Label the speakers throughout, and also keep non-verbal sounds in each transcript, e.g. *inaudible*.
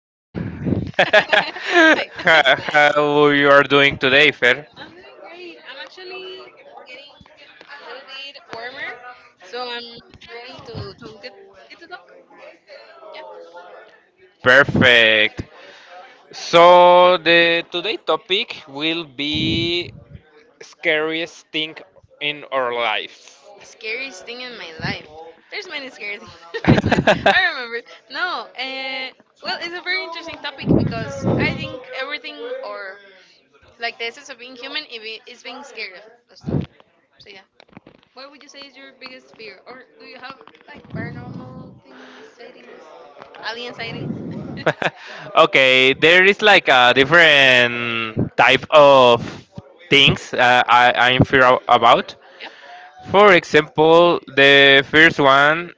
Speaker 1: Yeah.
Speaker 2: *laughs*
Speaker 1: *laughs*
Speaker 2: How
Speaker 1: Hi. *laughs*
Speaker 2: how you are doing today, Fer?
Speaker 1: I'm doing great. I'm actually getting a little bit warmer, so I'm ready to get to talk. Yeah.
Speaker 2: Perfect. So the today topic will be scariest thing in our lives.
Speaker 1: Scariest thing in my life. There's many scary things. *laughs* I remember. No. Well, it's a very interesting topic because I think everything or
Speaker 2: *laughs*
Speaker 1: like the essence of being human is being scared of stuff. So yeah. What would you say is your biggest fear? Or do you have like paranormal things, sightings, alien sightings? *laughs*
Speaker 2: *laughs* Okay, there is like a different type of things I'm fear about.
Speaker 1: Yep.
Speaker 2: For example, the first one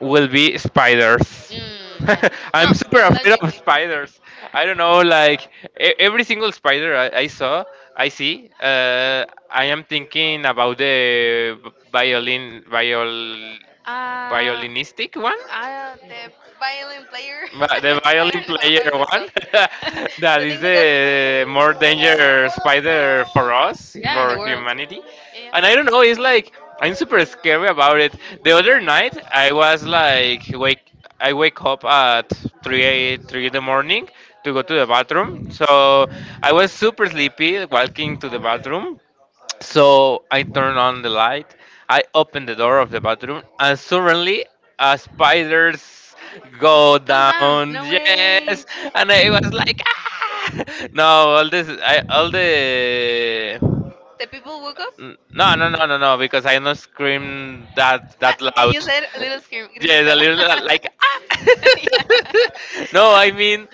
Speaker 2: will be spiders.
Speaker 1: Mm, yeah.
Speaker 2: *laughs*
Speaker 1: No,
Speaker 2: I'm super
Speaker 1: and
Speaker 2: afraid of
Speaker 1: logically.
Speaker 2: spiders. I don't know, like every single spider I saw, I see. I am thinking about the violin, viol
Speaker 1: Uh,
Speaker 2: violinistic one.
Speaker 1: the violin player. *laughs*
Speaker 2: The
Speaker 1: I
Speaker 2: violin
Speaker 1: don't know
Speaker 2: player
Speaker 1: how is it
Speaker 2: one,
Speaker 1: called.
Speaker 2: *laughs*
Speaker 1: *laughs*
Speaker 2: that
Speaker 1: The
Speaker 2: is
Speaker 1: thing that goes.
Speaker 2: the more danger spider for us,
Speaker 1: Yeah, in the
Speaker 2: for
Speaker 1: world.
Speaker 2: humanity.
Speaker 1: Yeah,
Speaker 2: And I don't know, it's like I'm super scary about it. The other night
Speaker 1: yeah.
Speaker 2: I was like wake I wake up at 3 a 3 in the morning to go to the bathroom. So I was super sleepy walking to the bathroom, so I turn on the light. I open the door of the bathroom, and suddenly a spiders go
Speaker 1: Comes down.
Speaker 2: down.
Speaker 1: No way.
Speaker 2: Yes, and I was like, ah! *laughs* no, all this, I all the.
Speaker 1: The people woke up?
Speaker 2: N- No, no, no, no, no, because I don't scream that
Speaker 1: Ah, and you
Speaker 2: loud.
Speaker 1: said a little
Speaker 2: *laughs*
Speaker 1: scream,
Speaker 2: Yes, a
Speaker 1: gritito.
Speaker 2: little like
Speaker 1: *laughs*
Speaker 2: ah.
Speaker 1: Yeah.
Speaker 2: *laughs* no, I mean,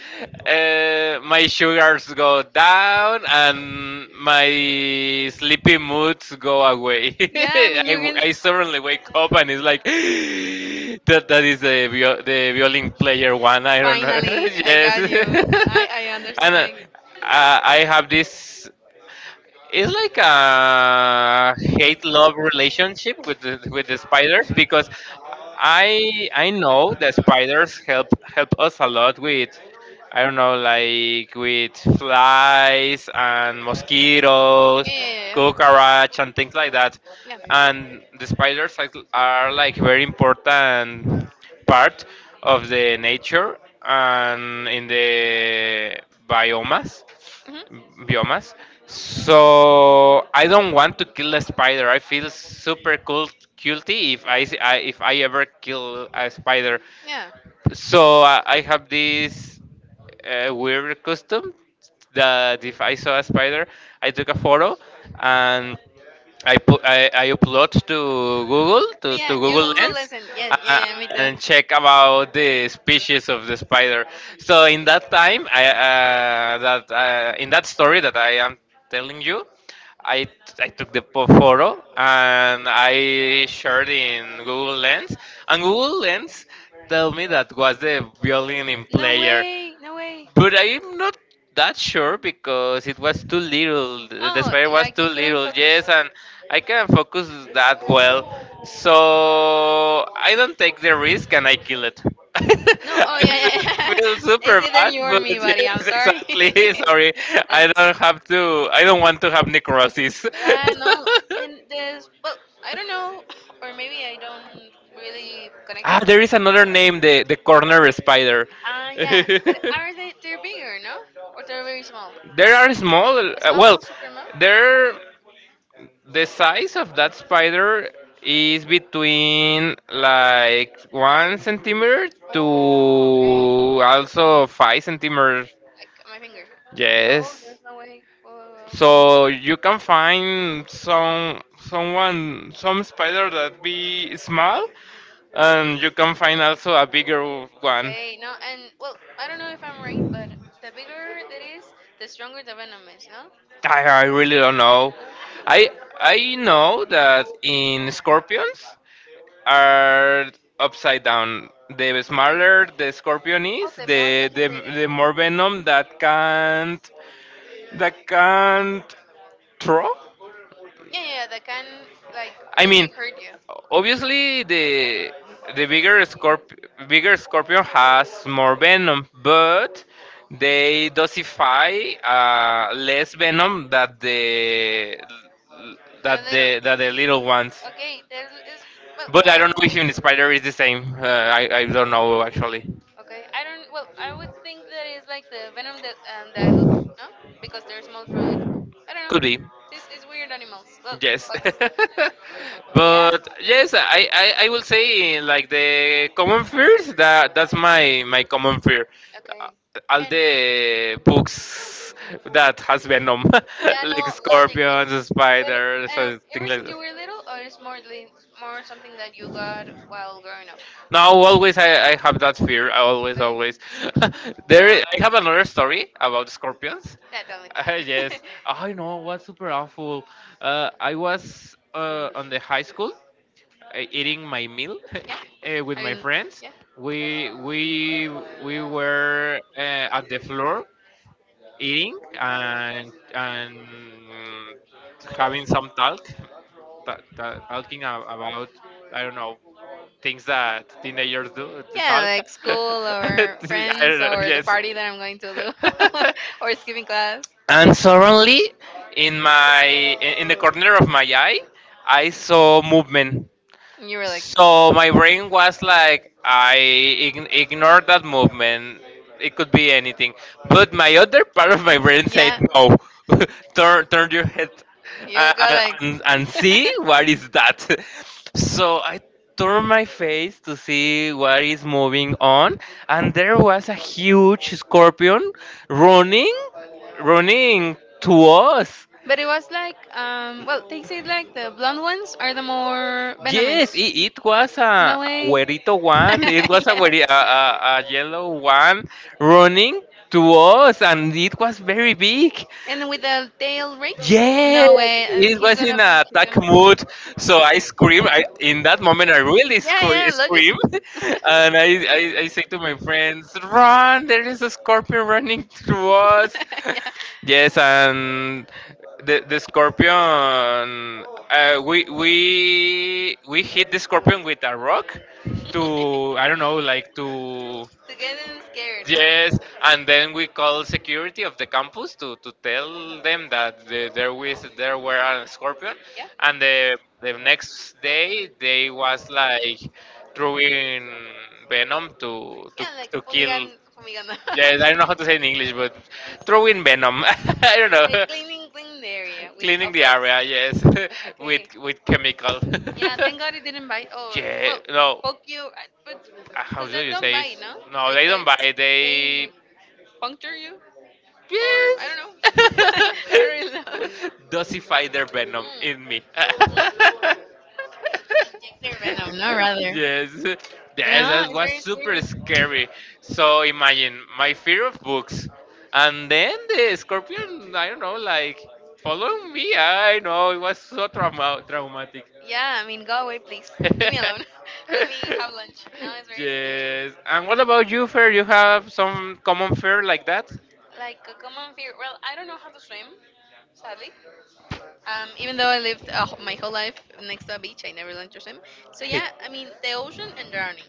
Speaker 2: my sugars go down and my sleepy moods go away. *laughs*
Speaker 1: Yeah, I mean, *laughs* you're gonna.
Speaker 2: I suddenly wake up and it's like *gasps* that is the the violin player one. I don't know.
Speaker 1: Finally,
Speaker 2: *laughs*
Speaker 1: I
Speaker 2: yes,
Speaker 1: got you. I
Speaker 2: *laughs* and
Speaker 1: understand.
Speaker 2: I have this, it's like a hate love relationship with the spiders, because I know the spiders help us a lot with, I don't know, like with flies and mosquitoes,
Speaker 1: Yeah, yeah,
Speaker 2: cockroach and things like that.
Speaker 1: yeah,
Speaker 2: And the spiders like- are like
Speaker 1: yeah.
Speaker 2: very important part of the nature and in the biomas
Speaker 1: Hmm.
Speaker 2: biomas. So I don't want to kill a spider. I feel super cool, guilty if I, I if I ever kill a spider.
Speaker 1: Yeah.
Speaker 2: So I have this weird custom that if I saw a spider, I took a photo and I upload to to
Speaker 1: Yeah, yeah,
Speaker 2: Google
Speaker 1: Google
Speaker 2: Lens,
Speaker 1: lesson. Yeah,
Speaker 2: uh,
Speaker 1: yeah, yeah, me too.
Speaker 2: and check about the species of the spider. So in that time, I that in that story that I am telling you, I, I took the photo and I shared in Google Lens, and Google Lens tell me that was the violin in
Speaker 1: No
Speaker 2: player.
Speaker 1: way, no way.
Speaker 2: But I'm not that sure because it was too little. The
Speaker 1: Oh,
Speaker 2: spider was
Speaker 1: like
Speaker 2: too
Speaker 1: you couldn't
Speaker 2: little,
Speaker 1: focus.
Speaker 2: yes, and I can't focus that well. So I don't take the risk and I kill it. *laughs*
Speaker 1: No, oh yeah, yeah,
Speaker 2: I
Speaker 1: yeah.
Speaker 2: feel
Speaker 1: *laughs*
Speaker 2: super
Speaker 1: It's either
Speaker 2: bad,
Speaker 1: you or
Speaker 2: but
Speaker 1: me, buddy. I'm
Speaker 2: yes,
Speaker 1: sorry.
Speaker 2: exactly. *laughs*
Speaker 1: *laughs*
Speaker 2: Sorry,
Speaker 1: And
Speaker 2: I don't have to. I don't want to have necrosis.
Speaker 1: yeah, no,
Speaker 2: *laughs*
Speaker 1: and this, well, I don't know, *laughs* or maybe I don't really connect it.
Speaker 2: ah, there is another name, the corner spider. *laughs*
Speaker 1: Ah, yeah, but are they? They're bigger, no? Or they're very small?
Speaker 2: There are small.
Speaker 1: Small,
Speaker 2: Well,
Speaker 1: small, super small.
Speaker 2: there the size of that spider is between like one centimeter to
Speaker 1: Oh, okay.
Speaker 2: also five centimeters.
Speaker 1: Like my finger. Oh,
Speaker 2: Yes.
Speaker 1: there's no way. Whoa, whoa,
Speaker 2: So you can find some some spider that be small, and
Speaker 1: whoa.
Speaker 2: you can find also a bigger one.
Speaker 1: Okay, no, and well, I don't know if I'm right, but the bigger it is, the stronger the venom is, no?
Speaker 2: I really don't know.
Speaker 1: No?
Speaker 2: I I know that in scorpions are upside down. The smaller the scorpion
Speaker 1: Oh,
Speaker 2: is,
Speaker 1: the more concentrated.
Speaker 2: the more venom that can't throw.
Speaker 1: Yeah, yeah, yeah, that can like
Speaker 2: I mean,
Speaker 1: really hurt you.
Speaker 2: obviously the bigger bigger scorpion has more venom, but they dosify less venom that the
Speaker 1: They're
Speaker 2: that
Speaker 1: little.
Speaker 2: the that the little ones.
Speaker 1: Okay, there is well,
Speaker 2: But I
Speaker 1: I
Speaker 2: don't know if even the spider is the same. I don't know actually.
Speaker 1: Uh, okay, I don't well, I would think that is like the venom that dilutes, no? Because they're small for it. I don't know.
Speaker 2: It's,
Speaker 1: This is weird animals. Look,
Speaker 2: but yes. *laughs*
Speaker 1: bugs. *laughs* But yeah.
Speaker 2: well, but yes, I will say like the common fears, that that's my my common fear. Uh,
Speaker 1: Okay.
Speaker 2: All
Speaker 1: And
Speaker 2: the books that has venom, *laughs* yeah,
Speaker 1: yeah,
Speaker 2: like.
Speaker 1: no,
Speaker 2: But
Speaker 1: logically.
Speaker 2: do
Speaker 1: But ever since
Speaker 2: like
Speaker 1: you were little, or it's more more something that you got while growing up?
Speaker 2: no, always I have that fear. I always,
Speaker 1: Okay.
Speaker 2: always. *laughs*
Speaker 1: *laughs*
Speaker 2: there,
Speaker 1: You're a-
Speaker 2: I have another story about scorpions. *laughs*
Speaker 1: Yeah, tell me, tell
Speaker 2: Yes, I
Speaker 1: me. *laughs*
Speaker 2: know what's super awful. I was on the high school, eating my meal *laughs*
Speaker 1: Yeah.
Speaker 2: with
Speaker 1: I
Speaker 2: my
Speaker 1: mean,
Speaker 2: friends.
Speaker 1: yeah.
Speaker 2: We we were at the floor eating and and having some talk, talking about, I don't know, things that teenagers do to
Speaker 1: Yeah,
Speaker 2: talk.
Speaker 1: like
Speaker 2: *laughs*
Speaker 1: school
Speaker 2: I
Speaker 1: or
Speaker 2: don't
Speaker 1: friends
Speaker 2: know.
Speaker 1: or the
Speaker 2: Yes.
Speaker 1: party that I'm going to do
Speaker 2: *laughs*
Speaker 1: *laughs* or skipping class.
Speaker 2: and suddenly, in my in the corner of my eye, I saw movement
Speaker 1: And you were
Speaker 2: like.
Speaker 1: like,
Speaker 2: So my brain was like, I ignored that movement. It could be anything. But my other part of my brain said,
Speaker 1: yeah,
Speaker 2: yeah, no, *laughs* turn your head,
Speaker 1: you
Speaker 2: yeah,
Speaker 1: go like
Speaker 2: and see
Speaker 1: *laughs*
Speaker 2: what is that. *laughs* So I turned my face to see what is moving on, and there was a huge scorpion running, running to us.
Speaker 1: but it was like well they say like the blonde ones are the more
Speaker 2: Yes,
Speaker 1: venomous.
Speaker 2: it was a
Speaker 1: No way.
Speaker 2: güerito
Speaker 1: *laughs*
Speaker 2: one. It was a,
Speaker 1: Yeah,
Speaker 2: a yellow one running to us, and it was very big.
Speaker 1: and with the tail raised,
Speaker 2: Yeah,
Speaker 1: no way, I think
Speaker 2: it
Speaker 1: he's
Speaker 2: was
Speaker 1: gonna,
Speaker 2: in a
Speaker 1: he's
Speaker 2: attack
Speaker 1: gonna,
Speaker 2: mood, so I scream. I in that moment I really
Speaker 1: yeah, yeah,
Speaker 2: scream,
Speaker 1: logically. *laughs*
Speaker 2: *laughs* and I I say to my friends, "Run! There is a scorpion running through us." *laughs* Yes, and the scorpion. We we hit the
Speaker 1: *laughs* Yeah.
Speaker 2: scorpion with a rock
Speaker 1: *laughs*
Speaker 2: to, I don't know, like to.
Speaker 1: To get them scared,
Speaker 2: Yes,
Speaker 1: no?
Speaker 2: and then we call security of the campus to tell them that the, there was there were a scorpion,
Speaker 1: Yeah,
Speaker 2: and the next day they was like throwing venom
Speaker 1: yeah, like
Speaker 2: to kill.
Speaker 1: fumigan, fumigando. *laughs*
Speaker 2: Yes, I don't know how to say in English, but
Speaker 1: *laughs*
Speaker 2: throwing venom. *laughs* I don't know,
Speaker 1: Cleaning, clean the area.
Speaker 2: cleaning the area. Yes,
Speaker 1: *laughs*
Speaker 2: *laughs* with chemical.
Speaker 1: *laughs* Yeah, thank God it didn't bite
Speaker 2: *laughs*
Speaker 1: or
Speaker 2: yeah, no,
Speaker 1: poke you, I- but
Speaker 2: how do you say it?
Speaker 1: no? No,
Speaker 2: No, they don't buy.
Speaker 1: They
Speaker 2: They
Speaker 1: they puncture you. Or I
Speaker 2: yes,
Speaker 1: don't know. *laughs*
Speaker 2: *laughs*
Speaker 1: I don't really know.
Speaker 2: dosify their venom in
Speaker 1: Mm,
Speaker 2: me. *laughs*
Speaker 1: they venom, no rather.
Speaker 2: yes,
Speaker 1: But
Speaker 2: yes,
Speaker 1: no,
Speaker 2: that
Speaker 1: it's
Speaker 2: was
Speaker 1: very
Speaker 2: super
Speaker 1: scary.
Speaker 2: scary. So imagine my fear of books, and then the scorpion. I don't know, like following me. I know it was so traumatic.
Speaker 1: Yeah, I mean, go away, please. Leave me alone.
Speaker 2: *laughs*
Speaker 1: *laughs* Let me have lunch. No, it's very
Speaker 2: yes. And
Speaker 1: scary.
Speaker 2: what about you, Fer? You have some common fear like that?
Speaker 1: Like a common fear. Well, I don't know how to swim, sadly. Even though I lived my whole life next to a beach, I never learned to swim. So
Speaker 2: Hey.
Speaker 1: yeah, I mean, the ocean and drowning.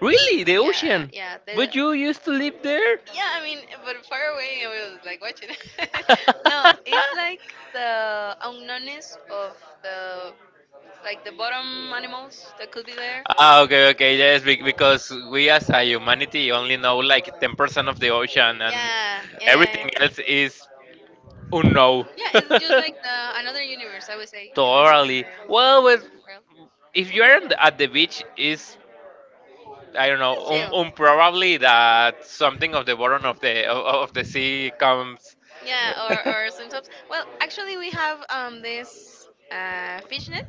Speaker 2: Really? The
Speaker 1: Yeah,
Speaker 2: ocean?
Speaker 1: yeah,
Speaker 2: But you used to live there?
Speaker 1: yeah. I mean, but far away, I was like
Speaker 2: *laughs*
Speaker 1: watching it. *laughs* No, it's like the
Speaker 2: Nones
Speaker 1: unknownness of
Speaker 2: or the
Speaker 1: the
Speaker 2: like
Speaker 1: like the
Speaker 2: the bottom
Speaker 1: bottom
Speaker 2: animals,
Speaker 1: animals
Speaker 2: the
Speaker 1: that could be there.
Speaker 2: cordillera. Ah, okay, okay, yes, because we as a humanity only know like 10% of the ocean, and
Speaker 1: Yeah, yeah,
Speaker 2: yeah,
Speaker 1: yeah,
Speaker 2: everything
Speaker 1: yeah.
Speaker 2: else is unknown.
Speaker 1: Yeah,
Speaker 2: Yeah, it's
Speaker 1: it's
Speaker 2: just *laughs*
Speaker 1: just
Speaker 2: like
Speaker 1: like the another
Speaker 2: another universe,
Speaker 1: universe. I
Speaker 2: I would
Speaker 1: would
Speaker 2: say.
Speaker 1: say in this in
Speaker 2: Totally.
Speaker 1: the
Speaker 2: Well, with,
Speaker 1: world.
Speaker 2: if you're on the, at the beach, is, I don't know,
Speaker 1: It's chill.
Speaker 2: probably that something of the bottom of the sea comes.
Speaker 1: Yeah,
Speaker 2: Yeah, *laughs* or sometimes.
Speaker 1: or sometimes,
Speaker 2: Well,
Speaker 1: well, actually,
Speaker 2: actually,
Speaker 1: we
Speaker 2: we have
Speaker 1: have
Speaker 2: this.
Speaker 1: this fish net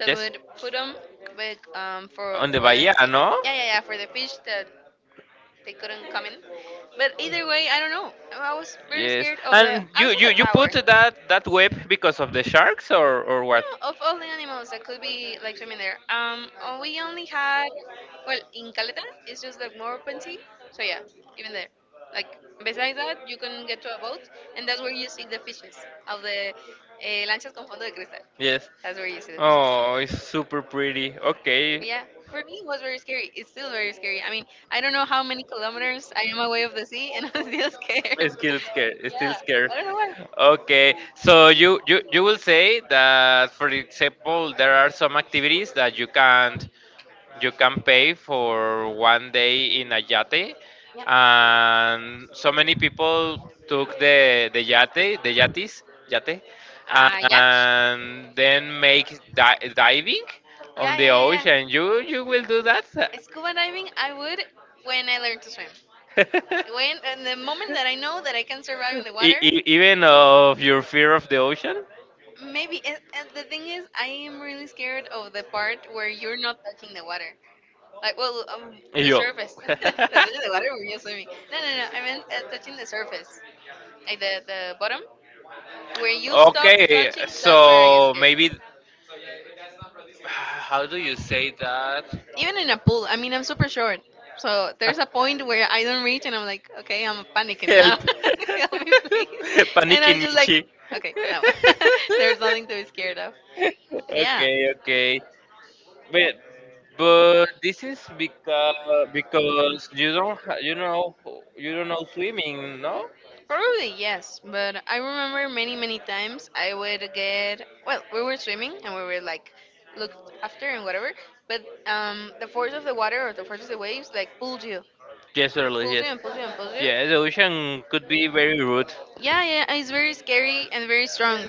Speaker 1: that
Speaker 2: Yes.
Speaker 1: would put them back
Speaker 2: On the
Speaker 1: for the
Speaker 2: bahía, no?
Speaker 1: yeah, yeah, yeah, for the fish that they couldn't come in. But either way, I don't know. I was very
Speaker 2: Yes.
Speaker 1: scared of the
Speaker 2: And you
Speaker 1: also
Speaker 2: you
Speaker 1: the
Speaker 2: you put
Speaker 1: power.
Speaker 2: that web because of the sharks or what?
Speaker 1: No, of all the animals that could be like swimming there, oh, we only had well in Caleta, it's just like more open sea. So yeah, even there, like besides that, you can get to a boat, and that's where you see the fishes of the lanchas con fondo de cristal.
Speaker 2: Yes.
Speaker 1: That's where you see the fish.
Speaker 2: Oh, it's super pretty. Okay.
Speaker 1: But yeah, for me it was very scary. It's still very scary. I mean, I don't know how many kilometers I am away of the sea, and *laughs* I'm still scared. *laughs*
Speaker 2: It's still scared. It's still
Speaker 1: Yeah,
Speaker 2: scared.
Speaker 1: I don't know why.
Speaker 2: Okay. So you you will say that, for example, there are some activities that you can't. You can pay for one day in a yate,
Speaker 1: Yeah.
Speaker 2: and so many people took the yate, yate,
Speaker 1: Yacht.
Speaker 2: and then make diving
Speaker 1: Yeah,
Speaker 2: on the
Speaker 1: yeah, yeah,
Speaker 2: ocean.
Speaker 1: yeah.
Speaker 2: You will do that?
Speaker 1: Scuba diving, I would when I learn to swim. When
Speaker 2: *laughs*
Speaker 1: and the moment that I know that I can survive in the water,
Speaker 2: Even of your fear of the ocean?
Speaker 1: maybe. And the thing is, I am really scared of the part where you're not touching the water.
Speaker 2: Like,
Speaker 1: Like, well,
Speaker 2: well,
Speaker 1: the
Speaker 2: yo.
Speaker 1: surface. *laughs* That's
Speaker 2: *laughs*
Speaker 1: touching the water where you're swimming. No, no, no. I meant touching the surface, like the bottom, where you stop
Speaker 2: Okay,
Speaker 1: touching. That's where I get
Speaker 2: so
Speaker 1: scared.
Speaker 2: maybe how do you say that? You
Speaker 1: Even in a pool, I mean, I'm super short. So there's a point where I don't reach and I'm like, okay, I'm panicking
Speaker 2: said,
Speaker 1: now.
Speaker 2: help.
Speaker 1: *laughs* Help
Speaker 2: *laughs*
Speaker 1: me, please. And
Speaker 2: Panicking
Speaker 1: I'm
Speaker 2: like,
Speaker 1: just like,
Speaker 2: Michi. *laughs*
Speaker 1: okay,
Speaker 2: okay,
Speaker 1: no. *laughs* There's nothing to be scared of.
Speaker 2: yeah. Yeah.
Speaker 1: Yeah.
Speaker 2: Okay, okay. But but this is because you don't you know you don't know swimming, no?
Speaker 1: Probably yes, but I remember many many times I would get well, we were swimming and we were like looked after and whatever, but the force of the water or the force of the waves like
Speaker 2: Yes, really,
Speaker 1: pulled you
Speaker 2: yes.
Speaker 1: and pulled you and pulled you.
Speaker 2: Yeah, the ocean could be very rude.
Speaker 1: Yeah, yeah, yeah, it's very scary and very strong.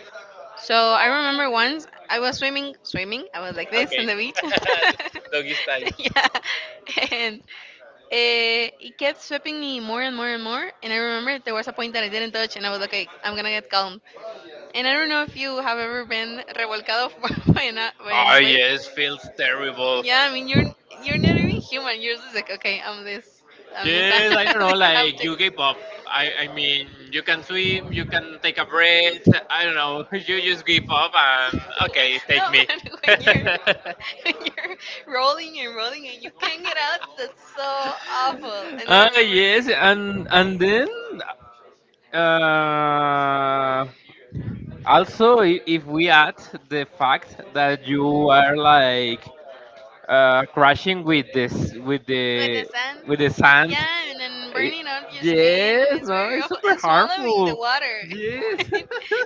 Speaker 1: So I remember once I was swimming. I was like this on
Speaker 2: Okay,
Speaker 1: the beach.
Speaker 2: *laughs* doggy style.
Speaker 1: *laughs* Yeah, and it kept sweeping me more and more and more. And I remember there was a point that I didn't touch, and I was like, okay, I'm gonna get calm. And I don't know if you have ever been revolcado *laughs* by
Speaker 2: Oh
Speaker 1: a wave.
Speaker 2: yes, feels terrible.
Speaker 1: Yeah, I mean you're not even human. You're just like okay, I'm this, *laughs*
Speaker 2: Yes, I don't know,
Speaker 1: this
Speaker 2: like you
Speaker 1: object.
Speaker 2: UK up. I mean, you can swim, you can take a breath. I don't know. *laughs* You just give up and okay, take
Speaker 1: No,
Speaker 2: me.
Speaker 1: *laughs* but
Speaker 2: *laughs*
Speaker 1: when you're *laughs* when you're rolling and rolling and you can't get out, that's so awful. And I
Speaker 2: Ah
Speaker 1: remember.
Speaker 2: yes, and then uh, also if we add the fact that you are like crashing with this
Speaker 1: Sand.
Speaker 2: with the sand.
Speaker 1: Yeah, and then
Speaker 2: Eh,
Speaker 1: burning up your skin,
Speaker 2: yes,
Speaker 1: and it's
Speaker 2: no,
Speaker 1: very
Speaker 2: it's
Speaker 1: awful.
Speaker 2: super
Speaker 1: And swallowing the
Speaker 2: harmful.
Speaker 1: water. *laughs*
Speaker 2: Yes.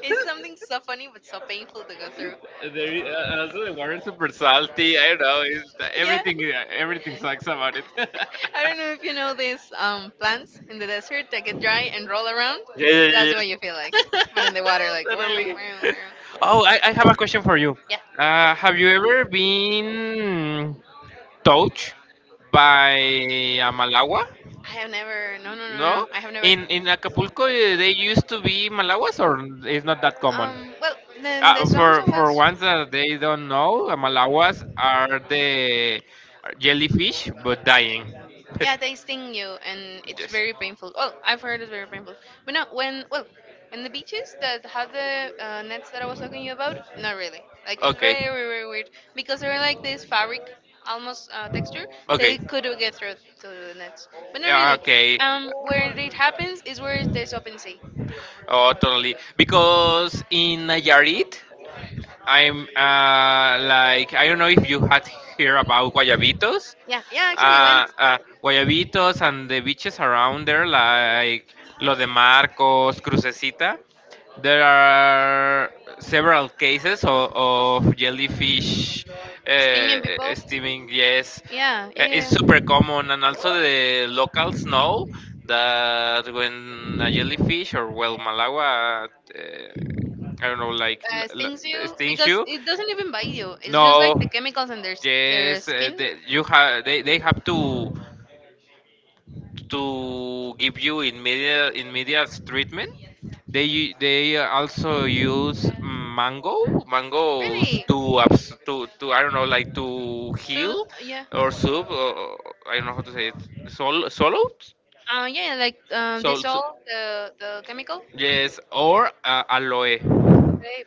Speaker 1: It's something so funny but so painful to go through. *laughs*
Speaker 2: *laughs* there is, also the water is super salty. I don't know.
Speaker 1: Yeah.
Speaker 2: Everything everything sucks about it. *laughs*
Speaker 1: I
Speaker 2: yeah,
Speaker 1: don't know if you know these plants in the desert that get dry and roll around.
Speaker 2: yeah, yeah. Yeah.
Speaker 1: That's what you feel like. But in the water,
Speaker 2: *laughs*
Speaker 1: like, wow,
Speaker 2: totally.
Speaker 1: wow, wow.
Speaker 2: Oh, I have a question for you.
Speaker 1: Yeah.
Speaker 2: Have you ever been touched by a Malawa?
Speaker 1: I have never, no, no, no, no.
Speaker 2: No,
Speaker 1: I have never.
Speaker 2: in Acapulco eh, they used to be malawas, or it's not that common.
Speaker 1: Well, then the sounds
Speaker 2: For
Speaker 1: was
Speaker 2: ones that they don't know, malawas are the jellyfish, but dying.
Speaker 1: yeah, they sting you, and
Speaker 2: *laughs*
Speaker 1: it's
Speaker 2: yes.
Speaker 1: very painful. Well, I've heard it's very painful, but no, when well, when the beaches that have the nets that I was talking to you about, not really. Like it's
Speaker 2: Okay.
Speaker 1: very very very weird because they're like this fabric almost texture.
Speaker 2: Okay.
Speaker 1: They could get through to the nets, but not
Speaker 2: Yeah,
Speaker 1: really.
Speaker 2: okay.
Speaker 1: Where it happens is where there's open sea.
Speaker 2: Oh, totally. Because in Nayarit, I'm like I don't know if you had heard about guayabitos.
Speaker 1: Yeah, yeah, I actually went
Speaker 2: uh, uh, Guayabitos and the beaches around there, like Lo de Marcos, Crucecita, there are several cases of jellyfish uh,
Speaker 1: stinging people.
Speaker 2: steaming. Yes,
Speaker 1: Yeah, yeah,
Speaker 2: It's
Speaker 1: yeah,
Speaker 2: super
Speaker 1: yeah.
Speaker 2: common, and also the locals know that when a jellyfish or well Malawa, I don't know, like
Speaker 1: Stings you
Speaker 2: stings
Speaker 1: because
Speaker 2: you,
Speaker 1: it doesn't even bite you. It's just like
Speaker 2: no,
Speaker 1: the chemicals on their their
Speaker 2: yes,
Speaker 1: skin.
Speaker 2: they, you have they have to give you immediate treatment. They they also use mangoes
Speaker 1: Really,
Speaker 2: to to, I don't know, like to heal
Speaker 1: so yeah,
Speaker 2: or soup or, I don't know how to say it sol solo
Speaker 1: yeah, yeah, like
Speaker 2: sol, so-
Speaker 1: dissolve the chemical. Okay,
Speaker 2: yes or aloe.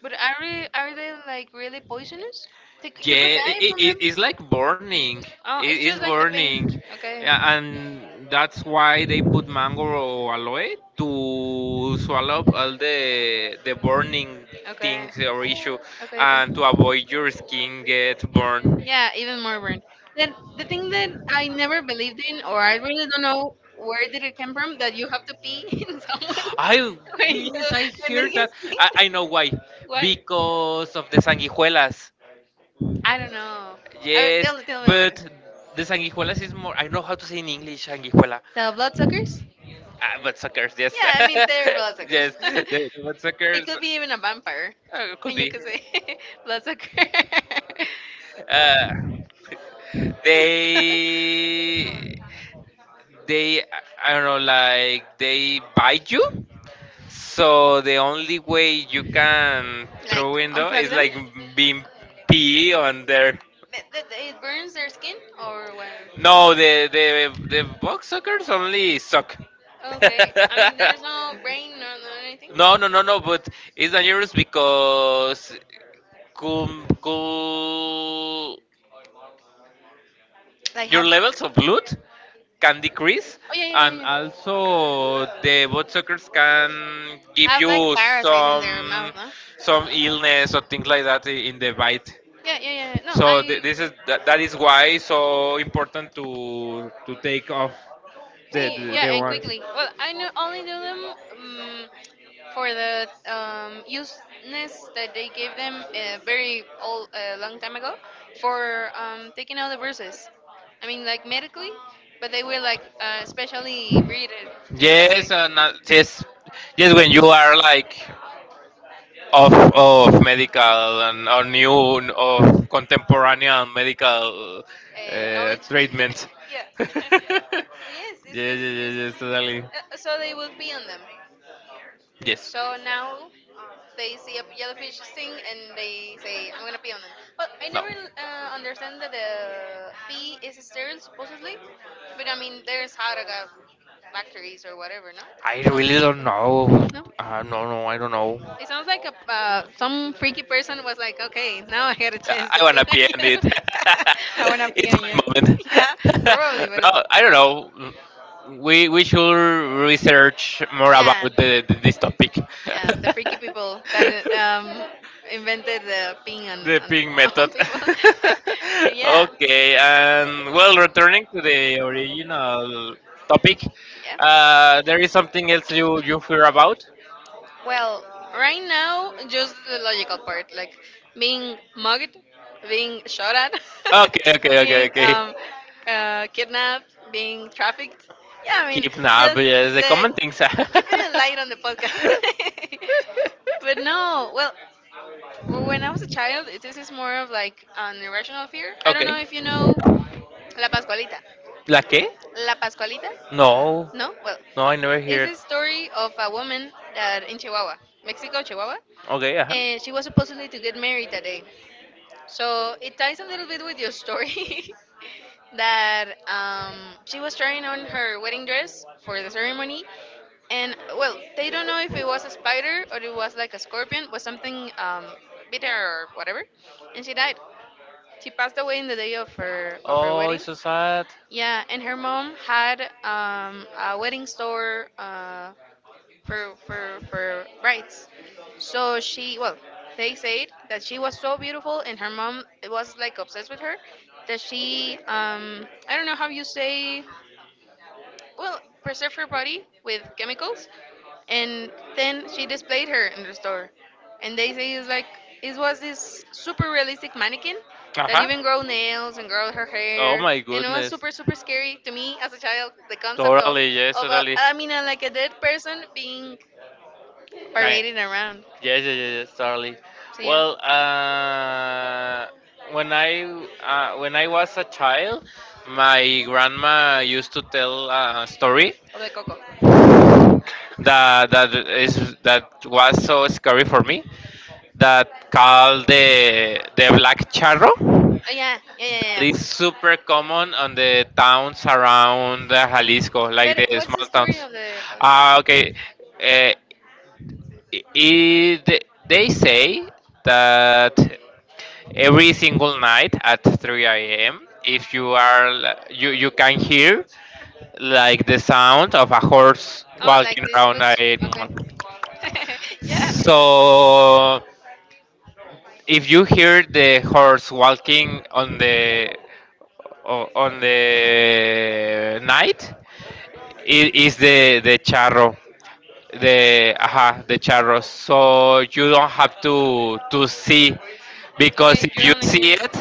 Speaker 1: but are they like really poisonous? Like
Speaker 2: Yeah,
Speaker 1: you could die from them.
Speaker 2: it's like burning.
Speaker 1: Oh,
Speaker 2: It
Speaker 1: it's
Speaker 2: is
Speaker 1: just like the
Speaker 2: burning.
Speaker 1: pain. Okay.
Speaker 2: Yeah, and that's why they put mango aloe to swallow up all the burning
Speaker 1: Okay.
Speaker 2: things or issue,
Speaker 1: Okay, okay.
Speaker 2: and to avoid your skin get burned.
Speaker 1: Yeah, even more burned. Then the thing that I never believed in, or I really don't know where did it come from, that you have to pee *laughs* in someone *laughs*
Speaker 2: I
Speaker 1: when you
Speaker 2: Yes, I
Speaker 1: when they *laughs*
Speaker 2: hear
Speaker 1: get
Speaker 2: that. I,
Speaker 1: sick.
Speaker 2: I know why,
Speaker 1: Why?
Speaker 2: because of the sanguijuelas.
Speaker 1: I don't know. I mean,
Speaker 2: Yes,
Speaker 1: tell me about
Speaker 2: but
Speaker 1: it.
Speaker 2: the sanguijuelas is more. I know how to say in English sanguijuela.
Speaker 1: The blood suckers?
Speaker 2: Ah, but suckers, yes,
Speaker 1: Yeah, I mean they're blood
Speaker 2: *laughs*
Speaker 1: suckers.
Speaker 2: yes,
Speaker 1: *laughs*
Speaker 2: the butt
Speaker 1: It
Speaker 2: suckers
Speaker 1: could be even a vampire,
Speaker 2: could
Speaker 1: and you
Speaker 2: be.
Speaker 1: could say *laughs* blood sucker. *laughs*
Speaker 2: Uh, they, they, I don't know, like they bite you. So the only way you can
Speaker 1: Like
Speaker 2: throw window
Speaker 1: unplug
Speaker 2: is
Speaker 1: them.
Speaker 2: like being pee on their.
Speaker 1: Th- th- It burns their skin or what?
Speaker 2: No, the box suckers only suck.
Speaker 1: Okay, I
Speaker 2: *laughs*
Speaker 1: mean there's no brain or no no anything.
Speaker 2: No, no, no, no. But it's dangerous because cool, cool,
Speaker 1: Like
Speaker 2: your
Speaker 1: have oh
Speaker 2: levels of loot can decrease,
Speaker 1: yeah, yeah,
Speaker 2: and
Speaker 1: yeah, yeah,
Speaker 2: also the box suckers can give
Speaker 1: have like
Speaker 2: you
Speaker 1: parasites in their mouth, no?
Speaker 2: some illness or things like that in the bite.
Speaker 1: Yeah, yeah, yeah, yeah. No,
Speaker 2: So
Speaker 1: I
Speaker 2: this is that, that is why so important to take off
Speaker 1: see,
Speaker 2: the
Speaker 1: yeah, and
Speaker 2: ones.
Speaker 1: quickly. Well, I know only knew them for the useness that they gave them very old, long time ago for taking out the bruises. I mean, like medically, but they were like specially bred to be that way.
Speaker 2: Yes, and yes, yes. When you are like of medical and or new of contemporary medical
Speaker 1: Knowledge. *laughs*
Speaker 2: treatment.
Speaker 1: Yeah.
Speaker 2: *laughs*
Speaker 1: *laughs*
Speaker 2: yeah,
Speaker 1: Yes,
Speaker 2: yeah, totally.
Speaker 1: so they will pee on them.
Speaker 2: Yes.
Speaker 1: So now they see a jellyfish sting and they say, I'm gonna pee on them. But I
Speaker 2: No.
Speaker 1: never understand that the pee is sterile, supposedly, but I mean, there's Haraga factories or whatever, no?
Speaker 2: I really don't know.
Speaker 1: No?
Speaker 2: No, no, I don't know.
Speaker 1: It sounds like a, some freaky person was like, okay, now I get a chance
Speaker 2: I
Speaker 1: to
Speaker 2: want
Speaker 1: pee
Speaker 2: to
Speaker 1: on
Speaker 2: be in
Speaker 1: you.
Speaker 2: it. *laughs*
Speaker 1: *laughs* I wanna pee
Speaker 2: It's
Speaker 1: on
Speaker 2: my
Speaker 1: you.
Speaker 2: moment.
Speaker 1: *laughs* Yeah,
Speaker 2: *laughs*
Speaker 1: probably, but.
Speaker 2: No, I don't know. We should research more about
Speaker 1: Yeah.
Speaker 2: this topic.
Speaker 1: Yeah, the
Speaker 2: *laughs*
Speaker 1: freaky people that invented the ping
Speaker 2: The
Speaker 1: on,
Speaker 2: ping
Speaker 1: *laughs* on
Speaker 2: method.
Speaker 1: people. *laughs*
Speaker 2: *laughs*
Speaker 1: Yeah,
Speaker 2: Okay, and well, returning to the original topic,
Speaker 1: yeah.
Speaker 2: there is something else you fear about?
Speaker 1: Well, right now, just the logical part, like being mugged, being shot at,
Speaker 2: Okay, okay,
Speaker 1: *laughs*
Speaker 2: okay,
Speaker 1: being
Speaker 2: okay.
Speaker 1: kidnapped, being trafficked. Yeah, I mean,
Speaker 2: Keep nah, but
Speaker 1: just
Speaker 2: yeah, it's a
Speaker 1: the
Speaker 2: common thing. Sir.
Speaker 1: keeping it
Speaker 2: *laughs*
Speaker 1: light on the podcast. *laughs* but no, well. Well, when I was a child, this is more of like an irrational fear. I don't
Speaker 2: Okay.
Speaker 1: know if you know La Pascualita.
Speaker 2: ¿La qué?
Speaker 1: La Pascualita?
Speaker 2: No,
Speaker 1: No? Well,
Speaker 2: no, I never
Speaker 1: it's
Speaker 2: heard.
Speaker 1: a story of a woman that in Chihuahua, Mexico, Chihuahua,
Speaker 2: Okay, ajá.
Speaker 1: and she was supposedly to get married that day. So it ties a little bit with your story *laughs* that she was trying on her wedding dress for the ceremony, and well they don't know if it was a spider or it was like a scorpion, but something bit her or whatever, and she died. She passed away in the day of her
Speaker 2: Oh,
Speaker 1: wedding.
Speaker 2: it's so sad.
Speaker 1: Yeah, and her mom had a wedding store, for for rights. So she, well, they said that she was so beautiful and her mom was like obsessed with her, that she I don't know how you say, well, preserved her body with chemicals and then she displayed her in the store, and they say it's like it was this super realistic mannequin
Speaker 2: Uh
Speaker 1: that
Speaker 2: huh.
Speaker 1: even grow nails and grow her
Speaker 2: Oh
Speaker 1: hair,
Speaker 2: my
Speaker 1: and it was
Speaker 2: goodness.
Speaker 1: super
Speaker 2: Discipline
Speaker 1: super scary to me as a child, the
Speaker 2: as
Speaker 1: concept of
Speaker 2: totally, yes,
Speaker 1: of a
Speaker 2: totally.
Speaker 1: i mean uh, like a dead person being
Speaker 2: Kind, very
Speaker 1: parading around.
Speaker 2: yes, yes, yes, yes, totally.
Speaker 1: So yeah.
Speaker 2: Well, when I when I was a child, my grandma used to tell a story
Speaker 1: Of the coco.
Speaker 2: that was so scary for me that called the black charro.
Speaker 1: Oh, yeah, yeah, yeah, yeah.
Speaker 2: It's
Speaker 1: Yeah.
Speaker 2: super common on the towns around Jalisco, like
Speaker 1: But
Speaker 2: the
Speaker 1: what's the
Speaker 2: small
Speaker 1: story
Speaker 2: towns.
Speaker 1: of the
Speaker 2: Ah,
Speaker 1: rucksack?
Speaker 2: okay. Uh, it, they say that every single night at 3 a.m. if you are you you can hear like the sound of a horse
Speaker 1: Oh, like
Speaker 2: walking
Speaker 1: this.
Speaker 2: around.
Speaker 1: Okay. *laughs* yeah.
Speaker 2: So if you hear the horse walking on the on the night, it is the charro, the aha the charro, so you don't have to see, because
Speaker 1: Okay, you
Speaker 2: if you
Speaker 1: only
Speaker 2: see
Speaker 1: hear.
Speaker 2: it,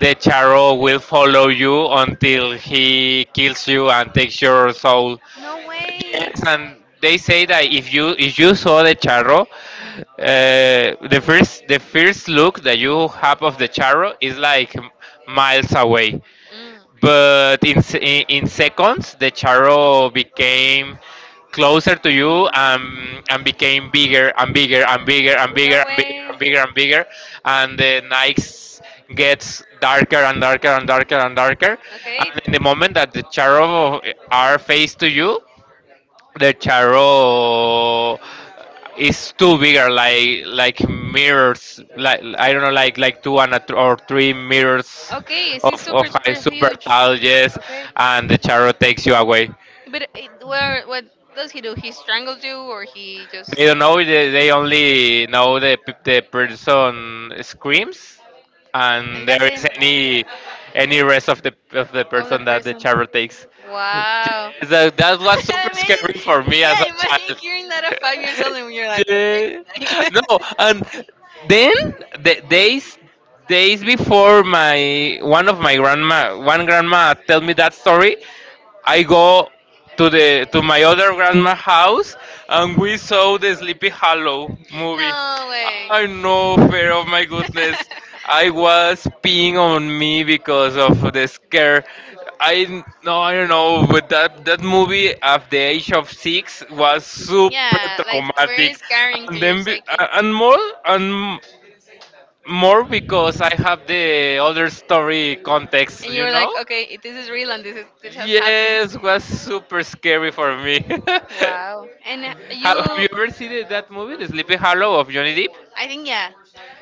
Speaker 2: the charro will follow you until he kills you and takes your soul.
Speaker 1: No way.
Speaker 2: And they say that if you saw the charro, the first look that you have of the charro is like miles away.
Speaker 1: Mm.
Speaker 2: But in in seconds, the charro became closer to you and became bigger and bigger and bigger and
Speaker 1: No
Speaker 2: bigger and bigger
Speaker 1: way.
Speaker 2: and bigger and bigger, and the night gets darker and darker and darker and darker.
Speaker 1: Okay.
Speaker 2: And in the moment that the charro are face to you, the tarot is too bigger like mirrors, like I don't know, like two and a or three mirrors
Speaker 1: Okay, she's super
Speaker 2: of high,
Speaker 1: super
Speaker 2: super
Speaker 1: huge.
Speaker 2: tall, yes,
Speaker 1: Okay.
Speaker 2: and the tarot takes you away.
Speaker 1: But it, where, what does he do? He strangles you or he just,
Speaker 2: They don't know, they only know the the person screams
Speaker 1: and
Speaker 2: and there
Speaker 1: that's
Speaker 2: is
Speaker 1: it,
Speaker 2: any rest of the
Speaker 1: of the
Speaker 2: person that the
Speaker 1: person.
Speaker 2: tarot takes.
Speaker 1: Wow.
Speaker 2: So that
Speaker 1: *laughs*
Speaker 2: was super
Speaker 1: imagine,
Speaker 2: scary for me as a
Speaker 1: yeah, imagine
Speaker 2: child.
Speaker 1: hearing that at 5 years old
Speaker 2: *laughs*
Speaker 1: and you're like,
Speaker 2: Yeah. No,
Speaker 1: *laughs*
Speaker 2: and then the days days before my one of my grandma one grandma tell me that story, I go to the to my other grandma house and we saw the Sleepy Hollow movie.
Speaker 1: no way.
Speaker 2: I no fear of my goodness.
Speaker 1: *laughs*
Speaker 2: I was peeing on me because of the scare. I no, I don't know, but that movie at the age of six was super
Speaker 1: yeah, like very
Speaker 2: traumatic,
Speaker 1: scaring to
Speaker 2: and
Speaker 1: your
Speaker 2: then
Speaker 1: psyche.
Speaker 2: and more because I have the other story context,
Speaker 1: And you
Speaker 2: you
Speaker 1: were
Speaker 2: know.
Speaker 1: like, okay, this is real and this has happened.
Speaker 2: Yes, was super scary for me. *laughs* have,
Speaker 1: Wow. And you,
Speaker 2: have
Speaker 1: I
Speaker 2: you ever seen that movie, The Sleepy Hollow of Johnny Depp?
Speaker 1: think yeah,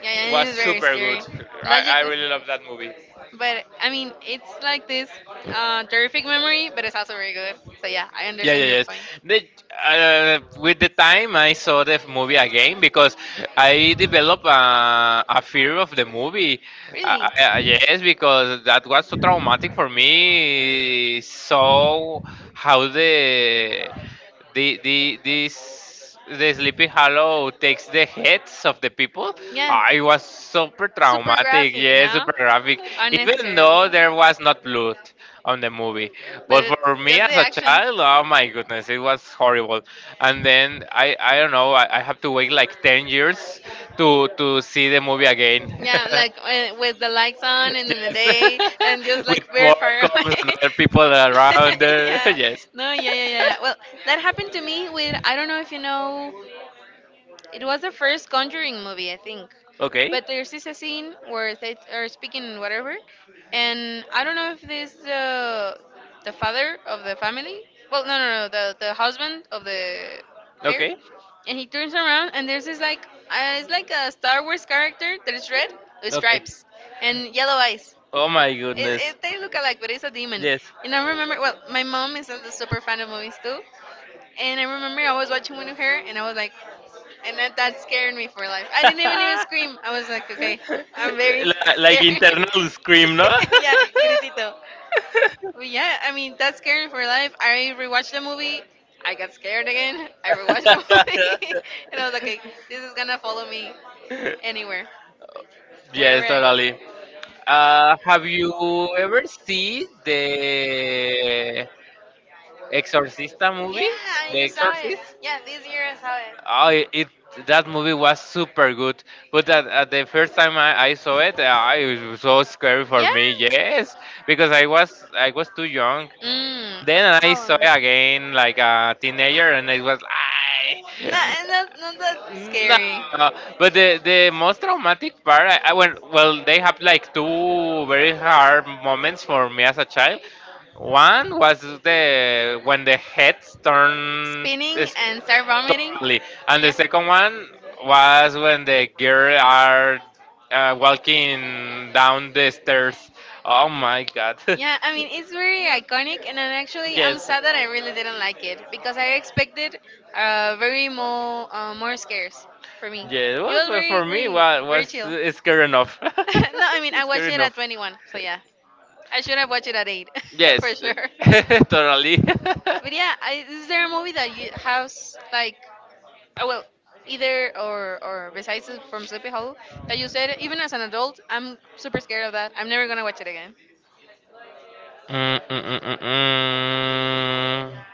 Speaker 1: yeah, yeah, it
Speaker 2: Was
Speaker 1: is very
Speaker 2: super good.
Speaker 1: scary.
Speaker 2: I
Speaker 1: Logically,
Speaker 2: really love that movie.
Speaker 1: but I mean, it's like this terrific memory, but it's also very good. So yeah, I
Speaker 2: Yeah,
Speaker 1: understand
Speaker 2: yeah,
Speaker 1: your
Speaker 2: yes.
Speaker 1: point.
Speaker 2: The, with the time, I saw the movie again because I developed a fear of the movie.
Speaker 1: Really?
Speaker 2: Yes, because that was so traumatic for me. So how the Sleepy Hollow takes the heads of the people.
Speaker 1: Yeah.
Speaker 2: Ah, it was super
Speaker 1: Super
Speaker 2: traumatic.
Speaker 1: graphic,
Speaker 2: Yes,
Speaker 1: no?
Speaker 2: super graphic. Even
Speaker 1: Unnecessarily.
Speaker 2: though there was not blood on the movie,
Speaker 1: But
Speaker 2: but
Speaker 1: it,
Speaker 2: for me
Speaker 1: just the
Speaker 2: as a
Speaker 1: action.
Speaker 2: child, oh my goodness, it was horrible. And then I don't know, I have to wait like 10 years to see the movie again.
Speaker 1: Yeah, like
Speaker 2: *laughs*
Speaker 1: with the lights on and in the
Speaker 2: With
Speaker 1: day and just like very far
Speaker 2: popcorns and
Speaker 1: away.
Speaker 2: other people around
Speaker 1: *laughs*
Speaker 2: there. *laughs*
Speaker 1: yeah.
Speaker 2: Yes.
Speaker 1: No, yeah, yeah, yeah, yeah. Well, that happened to me with, I don't know if you know, it was the first Conjuring movie, I think.
Speaker 2: Okay.
Speaker 1: But there's this a scene where they are speaking whatever, and I don't know if this the father of the family. Well, no, the husband of the pair,
Speaker 2: Okay.
Speaker 1: and he turns around and there's this like it's like a Star Wars character that is red with
Speaker 2: Okay.
Speaker 1: stripes and yellow eyes.
Speaker 2: Oh my
Speaker 1: It,
Speaker 2: goodness.
Speaker 1: it, they look alike, but it's a demon.
Speaker 2: Yes.
Speaker 1: And I remember, well, my mom is a super fan of movies too, and I remember I was watching Winnie Hair, and I was like,
Speaker 2: *laughs*
Speaker 1: and that scared me for life. I didn't even even scream. I was like, okay, I'm very
Speaker 2: Li- like
Speaker 1: scared.
Speaker 2: internal scream, no? *laughs*
Speaker 1: *laughs* yeah, gritito. But yeah, I mean that scared me for life. I rewatched the movie. I got scared again. I rewatched the movie, *laughs* and I was like, okay, this is gonna follow me anywhere, wherever
Speaker 2: Yes,
Speaker 1: I go.
Speaker 2: totally. Have you ever seen the Exorcista
Speaker 1: Yeah,
Speaker 2: movie?
Speaker 1: I
Speaker 2: The
Speaker 1: just saw it.
Speaker 2: Exorcist?
Speaker 1: Yeah, this year I saw it.
Speaker 2: Oh, it that movie was super good. But at the first time I saw it, it was so scary
Speaker 1: Yeah.
Speaker 2: for me. Yes, because I was too young.
Speaker 1: Mm.
Speaker 2: Then I saw
Speaker 1: Oh.
Speaker 2: it again like a teenager, and it was I
Speaker 1: Not that
Speaker 2: *laughs* no.
Speaker 1: scary.
Speaker 2: But the most traumatic part, I went, well, they have like two very hard moments for me as a child. One was the when the heads turn.
Speaker 1: Spinning and start vomiting.
Speaker 2: Exactly. And the
Speaker 1: Yeah.
Speaker 2: second one was when the girl are walking down the stairs. Oh my god. *laughs*
Speaker 1: Yeah, I mean it's very iconic, and then actually I'm
Speaker 2: Yes.
Speaker 1: sad that I really didn't like it because I expected very more more scares for me.
Speaker 2: Yeah,
Speaker 1: It
Speaker 2: well,
Speaker 1: was
Speaker 2: but
Speaker 1: very
Speaker 2: for me,
Speaker 1: very
Speaker 2: what
Speaker 1: very
Speaker 2: was
Speaker 1: chill.
Speaker 2: it's scary enough.
Speaker 1: *laughs* no, I mean I
Speaker 2: *laughs* Scary
Speaker 1: watched it at
Speaker 2: enough.
Speaker 1: 21, so yeah, I should have watched it at eight *laughs* for
Speaker 2: Yes,
Speaker 1: sure.
Speaker 2: *laughs* totally. *laughs*
Speaker 1: But yeah, I, is there a movie that you has like, oh well, either or besides it from Sleepy Hollow that you said, even as an adult I'm super scared of that. I'm never gonna watch it again.
Speaker 2: Mm, mm, mm.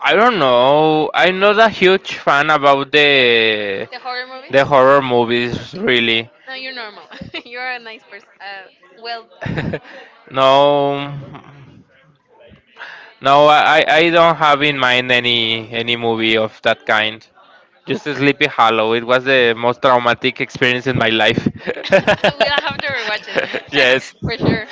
Speaker 2: I don't know. I'm not a huge fan about
Speaker 1: The horror movies.
Speaker 2: the horror movies, really.
Speaker 1: No, you're normal. *laughs* you're a nice person. Well person.
Speaker 2: *laughs* No, no, I don't have in mind any movie of that kind. Just *laughs* Sleepy Hollow. It was the most traumatic experience in my life.
Speaker 1: *laughs* we'll
Speaker 2: *laughs*
Speaker 1: have to rewatch it
Speaker 2: Yes.
Speaker 1: *laughs* for sure.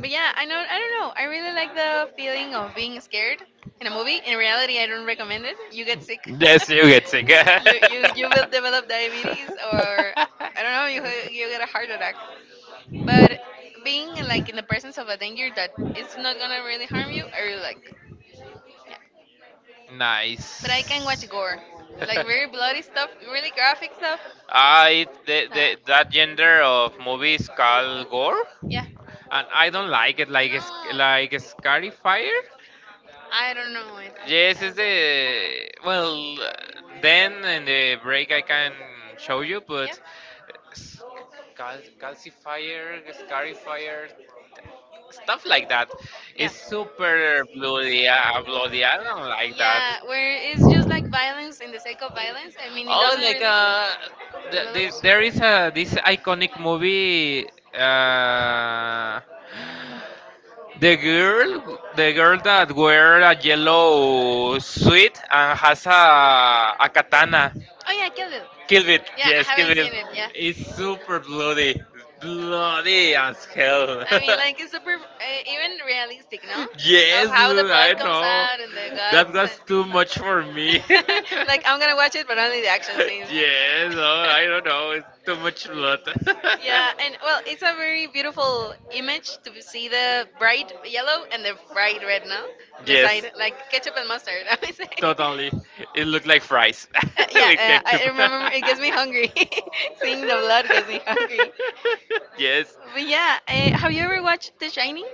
Speaker 1: But yeah, I know. I don't know. I really like the feeling of being scared in a movie. In reality, I don't recommend it. You get sick.
Speaker 2: Yes, you get sick.
Speaker 1: *laughs* You will develop diabetes or
Speaker 2: *laughs*
Speaker 1: I don't know. You
Speaker 2: *laughs*
Speaker 1: get a heart attack. But being like in the presence of a danger that is not gonna really harm you, I really like. Yeah. But I
Speaker 2: Nice.
Speaker 1: can watch gore, like very bloody stuff, really graphic stuff. Nah.
Speaker 2: That gender of movies called gore,
Speaker 1: Yeah.
Speaker 2: and I don't
Speaker 1: No.
Speaker 2: like it. Like it's Scarifier.
Speaker 1: I don't know it.
Speaker 2: Yes,
Speaker 1: I
Speaker 2: it's
Speaker 1: don't know.
Speaker 2: the well. Then in the break I can show you,
Speaker 1: Yeah.
Speaker 2: but s- calcifier, scarifier, stuff like that.
Speaker 1: Yeah.
Speaker 2: It's super bloody, bloody. I don't like that.
Speaker 1: Yeah, where it's just like violence in the sake of violence. I mean, it
Speaker 2: Oh,
Speaker 1: doesn't
Speaker 2: like
Speaker 1: really develops.
Speaker 2: there is a this iconic movie. Uh, the girl that wear a yellow suit and has a katana.
Speaker 1: Oh yeah, Kill Bill.
Speaker 2: Kill Bill,
Speaker 1: Yeah, I
Speaker 2: yes,
Speaker 1: haven't
Speaker 2: Kill Bill.
Speaker 1: seen it. Yeah.
Speaker 2: It's super bloody, bloody as hell.
Speaker 1: I mean, like it's super,
Speaker 2: *laughs*
Speaker 1: even realistic, no? Of
Speaker 2: Yes,
Speaker 1: how the
Speaker 2: I
Speaker 1: blood comes
Speaker 2: know.
Speaker 1: out and the
Speaker 2: That
Speaker 1: guts
Speaker 2: was too much for me.
Speaker 1: and *laughs*
Speaker 2: *laughs*
Speaker 1: like I'm gonna watch it, but only the action scenes.
Speaker 2: Yes, oh, I don't know. It's too
Speaker 1: *laughs*
Speaker 2: much blood.
Speaker 1: yeah, and well, it's a very beautiful image to see the bright yellow and the bright red, no?
Speaker 2: *laughs* Yes,
Speaker 1: Beside like ketchup and mustard, *laughs* I would say.
Speaker 2: totally. It looked like fries
Speaker 1: Uh,
Speaker 2: *laughs* with
Speaker 1: yeah, I
Speaker 2: ketchup.
Speaker 1: remember. It gets me hungry. *laughs* Seeing the blood gets me hungry.
Speaker 2: *laughs* Yes,
Speaker 1: But yeah, have you ever watched The Shining?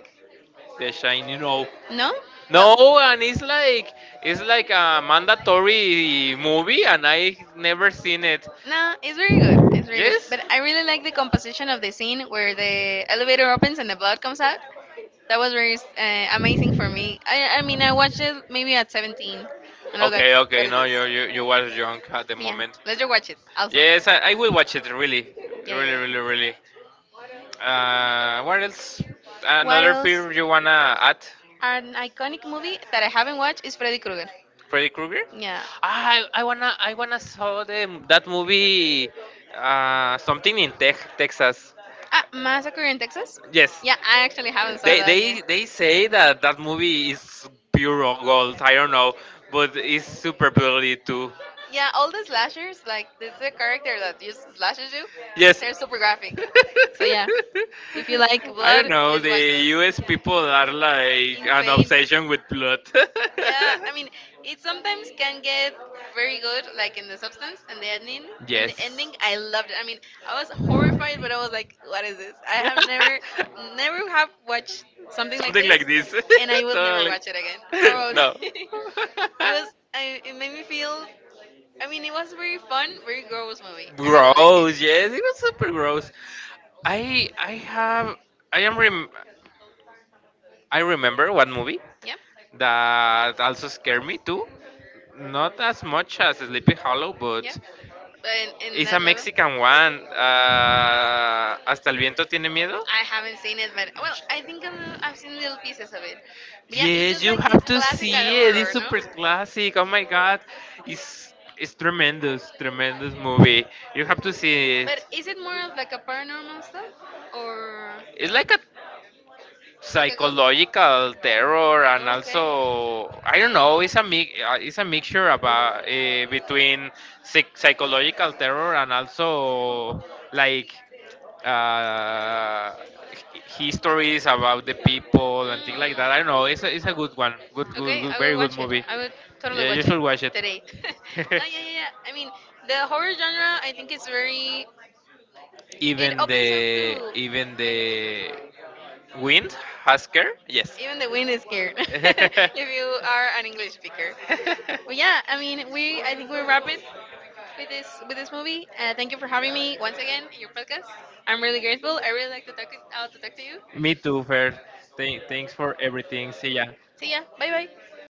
Speaker 2: the shiny rope.
Speaker 1: No. Well.
Speaker 2: No, and it's like a mandatory movie, and I never seen it.
Speaker 1: No, it's very good. It's very good.
Speaker 2: Yes.
Speaker 1: But I really like the composition of the scene where the elevator opens and the blood comes out. That was very amazing for me. I mean, I watched it maybe at 17, and I was like,
Speaker 2: Okay,
Speaker 1: "What
Speaker 2: okay.
Speaker 1: is
Speaker 2: No,
Speaker 1: this?"
Speaker 2: you were drunk at the
Speaker 1: But yeah,
Speaker 2: moment.
Speaker 1: let's just watch it also.
Speaker 2: Yes, I will watch it. Really,
Speaker 1: Yeah, yeah, yeah.
Speaker 2: really. What else?
Speaker 1: What
Speaker 2: Another
Speaker 1: else?
Speaker 2: film you wanna add?
Speaker 1: An iconic movie that I haven't watched is Freddy Krueger.
Speaker 2: Freddy Krueger?
Speaker 1: Yeah.
Speaker 2: Ah, I wanna saw the that movie. Something in Texas.
Speaker 1: Ah, Massacre in Texas?
Speaker 2: Yes,
Speaker 1: Yeah, I actually haven't saw that yet.
Speaker 2: they say that that movie is pure gold. I don't know, but it's super bloody too.
Speaker 1: Yeah, all the slashers, like this the character that just slashes you,
Speaker 2: Yes.
Speaker 1: they're super graphic. So yeah, if you like
Speaker 2: *laughs* I don't
Speaker 1: blood,
Speaker 2: know.
Speaker 1: please watch
Speaker 2: The
Speaker 1: those.
Speaker 2: U.S. people are like an
Speaker 1: Insane.
Speaker 2: obsession with blood.
Speaker 1: Yeah, I mean, it sometimes can get very good, like in the substance and the ending.
Speaker 2: *laughs*
Speaker 1: In the
Speaker 2: Yes.
Speaker 1: ending, I loved it. I mean, I was
Speaker 2: *laughs*
Speaker 1: horrified, but I was like, "What is this? I have never, never have watched something like
Speaker 2: Something
Speaker 1: this,
Speaker 2: like this.
Speaker 1: and I
Speaker 2: *laughs*
Speaker 1: will never
Speaker 2: Totally.
Speaker 1: watch it again,
Speaker 2: *laughs*
Speaker 1: probably."
Speaker 2: No.
Speaker 1: *laughs* it was, I, it made me feel. I mean, it was very fun, very gross movie.
Speaker 2: *laughs*
Speaker 1: I really like it.
Speaker 2: Gross. Yes, it was super gross. I have I am rem- I remember one movie
Speaker 1: Yeah,
Speaker 2: that also scared me too. Not as much as Sleepy Hollow,
Speaker 1: yeah,
Speaker 2: but
Speaker 1: but in
Speaker 2: it's a
Speaker 1: that level.
Speaker 2: Mexican one. Hasta el viento tiene miedo.
Speaker 1: I haven't seen it, but well, I think I've seen little pieces of it. But yeah, it's
Speaker 2: Yes,
Speaker 1: just
Speaker 2: you
Speaker 1: like this
Speaker 2: have to
Speaker 1: classical
Speaker 2: see it. It's
Speaker 1: horror, no?
Speaker 2: super classic. Oh my god, it's tremendous, tremendous movie. You have to see
Speaker 1: But
Speaker 2: it.
Speaker 1: is it more of like a paranormal stuff or
Speaker 2: It's like a
Speaker 1: like a ghost?
Speaker 2: psychological terror and
Speaker 1: Okay.
Speaker 2: also I don't know it's it's a mixture about between psychological terror and also like uh, h- histories about the people and things
Speaker 1: Mm.
Speaker 2: like that. I don't know. It's it's a good one.
Speaker 1: Okay,
Speaker 2: Good,
Speaker 1: I will
Speaker 2: very good
Speaker 1: watch it.
Speaker 2: movie.
Speaker 1: I will totally
Speaker 2: Yeah, you
Speaker 1: watch it
Speaker 2: should watch it.
Speaker 1: today. *laughs*
Speaker 2: *laughs*
Speaker 1: no, yeah, yeah, yeah. I mean, the horror genre, I think it's very. It opens up to
Speaker 2: Even
Speaker 1: many people.
Speaker 2: the Wind Husker? Yes.
Speaker 1: Even the wind is scared *laughs*
Speaker 2: *laughs*
Speaker 1: if you are an English speaker. But yeah, I mean, we I think we wrap it with this movie. Thank you for having me once again in your podcast. I'm really grateful. I really like to talk to you.
Speaker 2: Me too, Fer. Thanks for everything. See ya.
Speaker 1: See ya. Bye bye.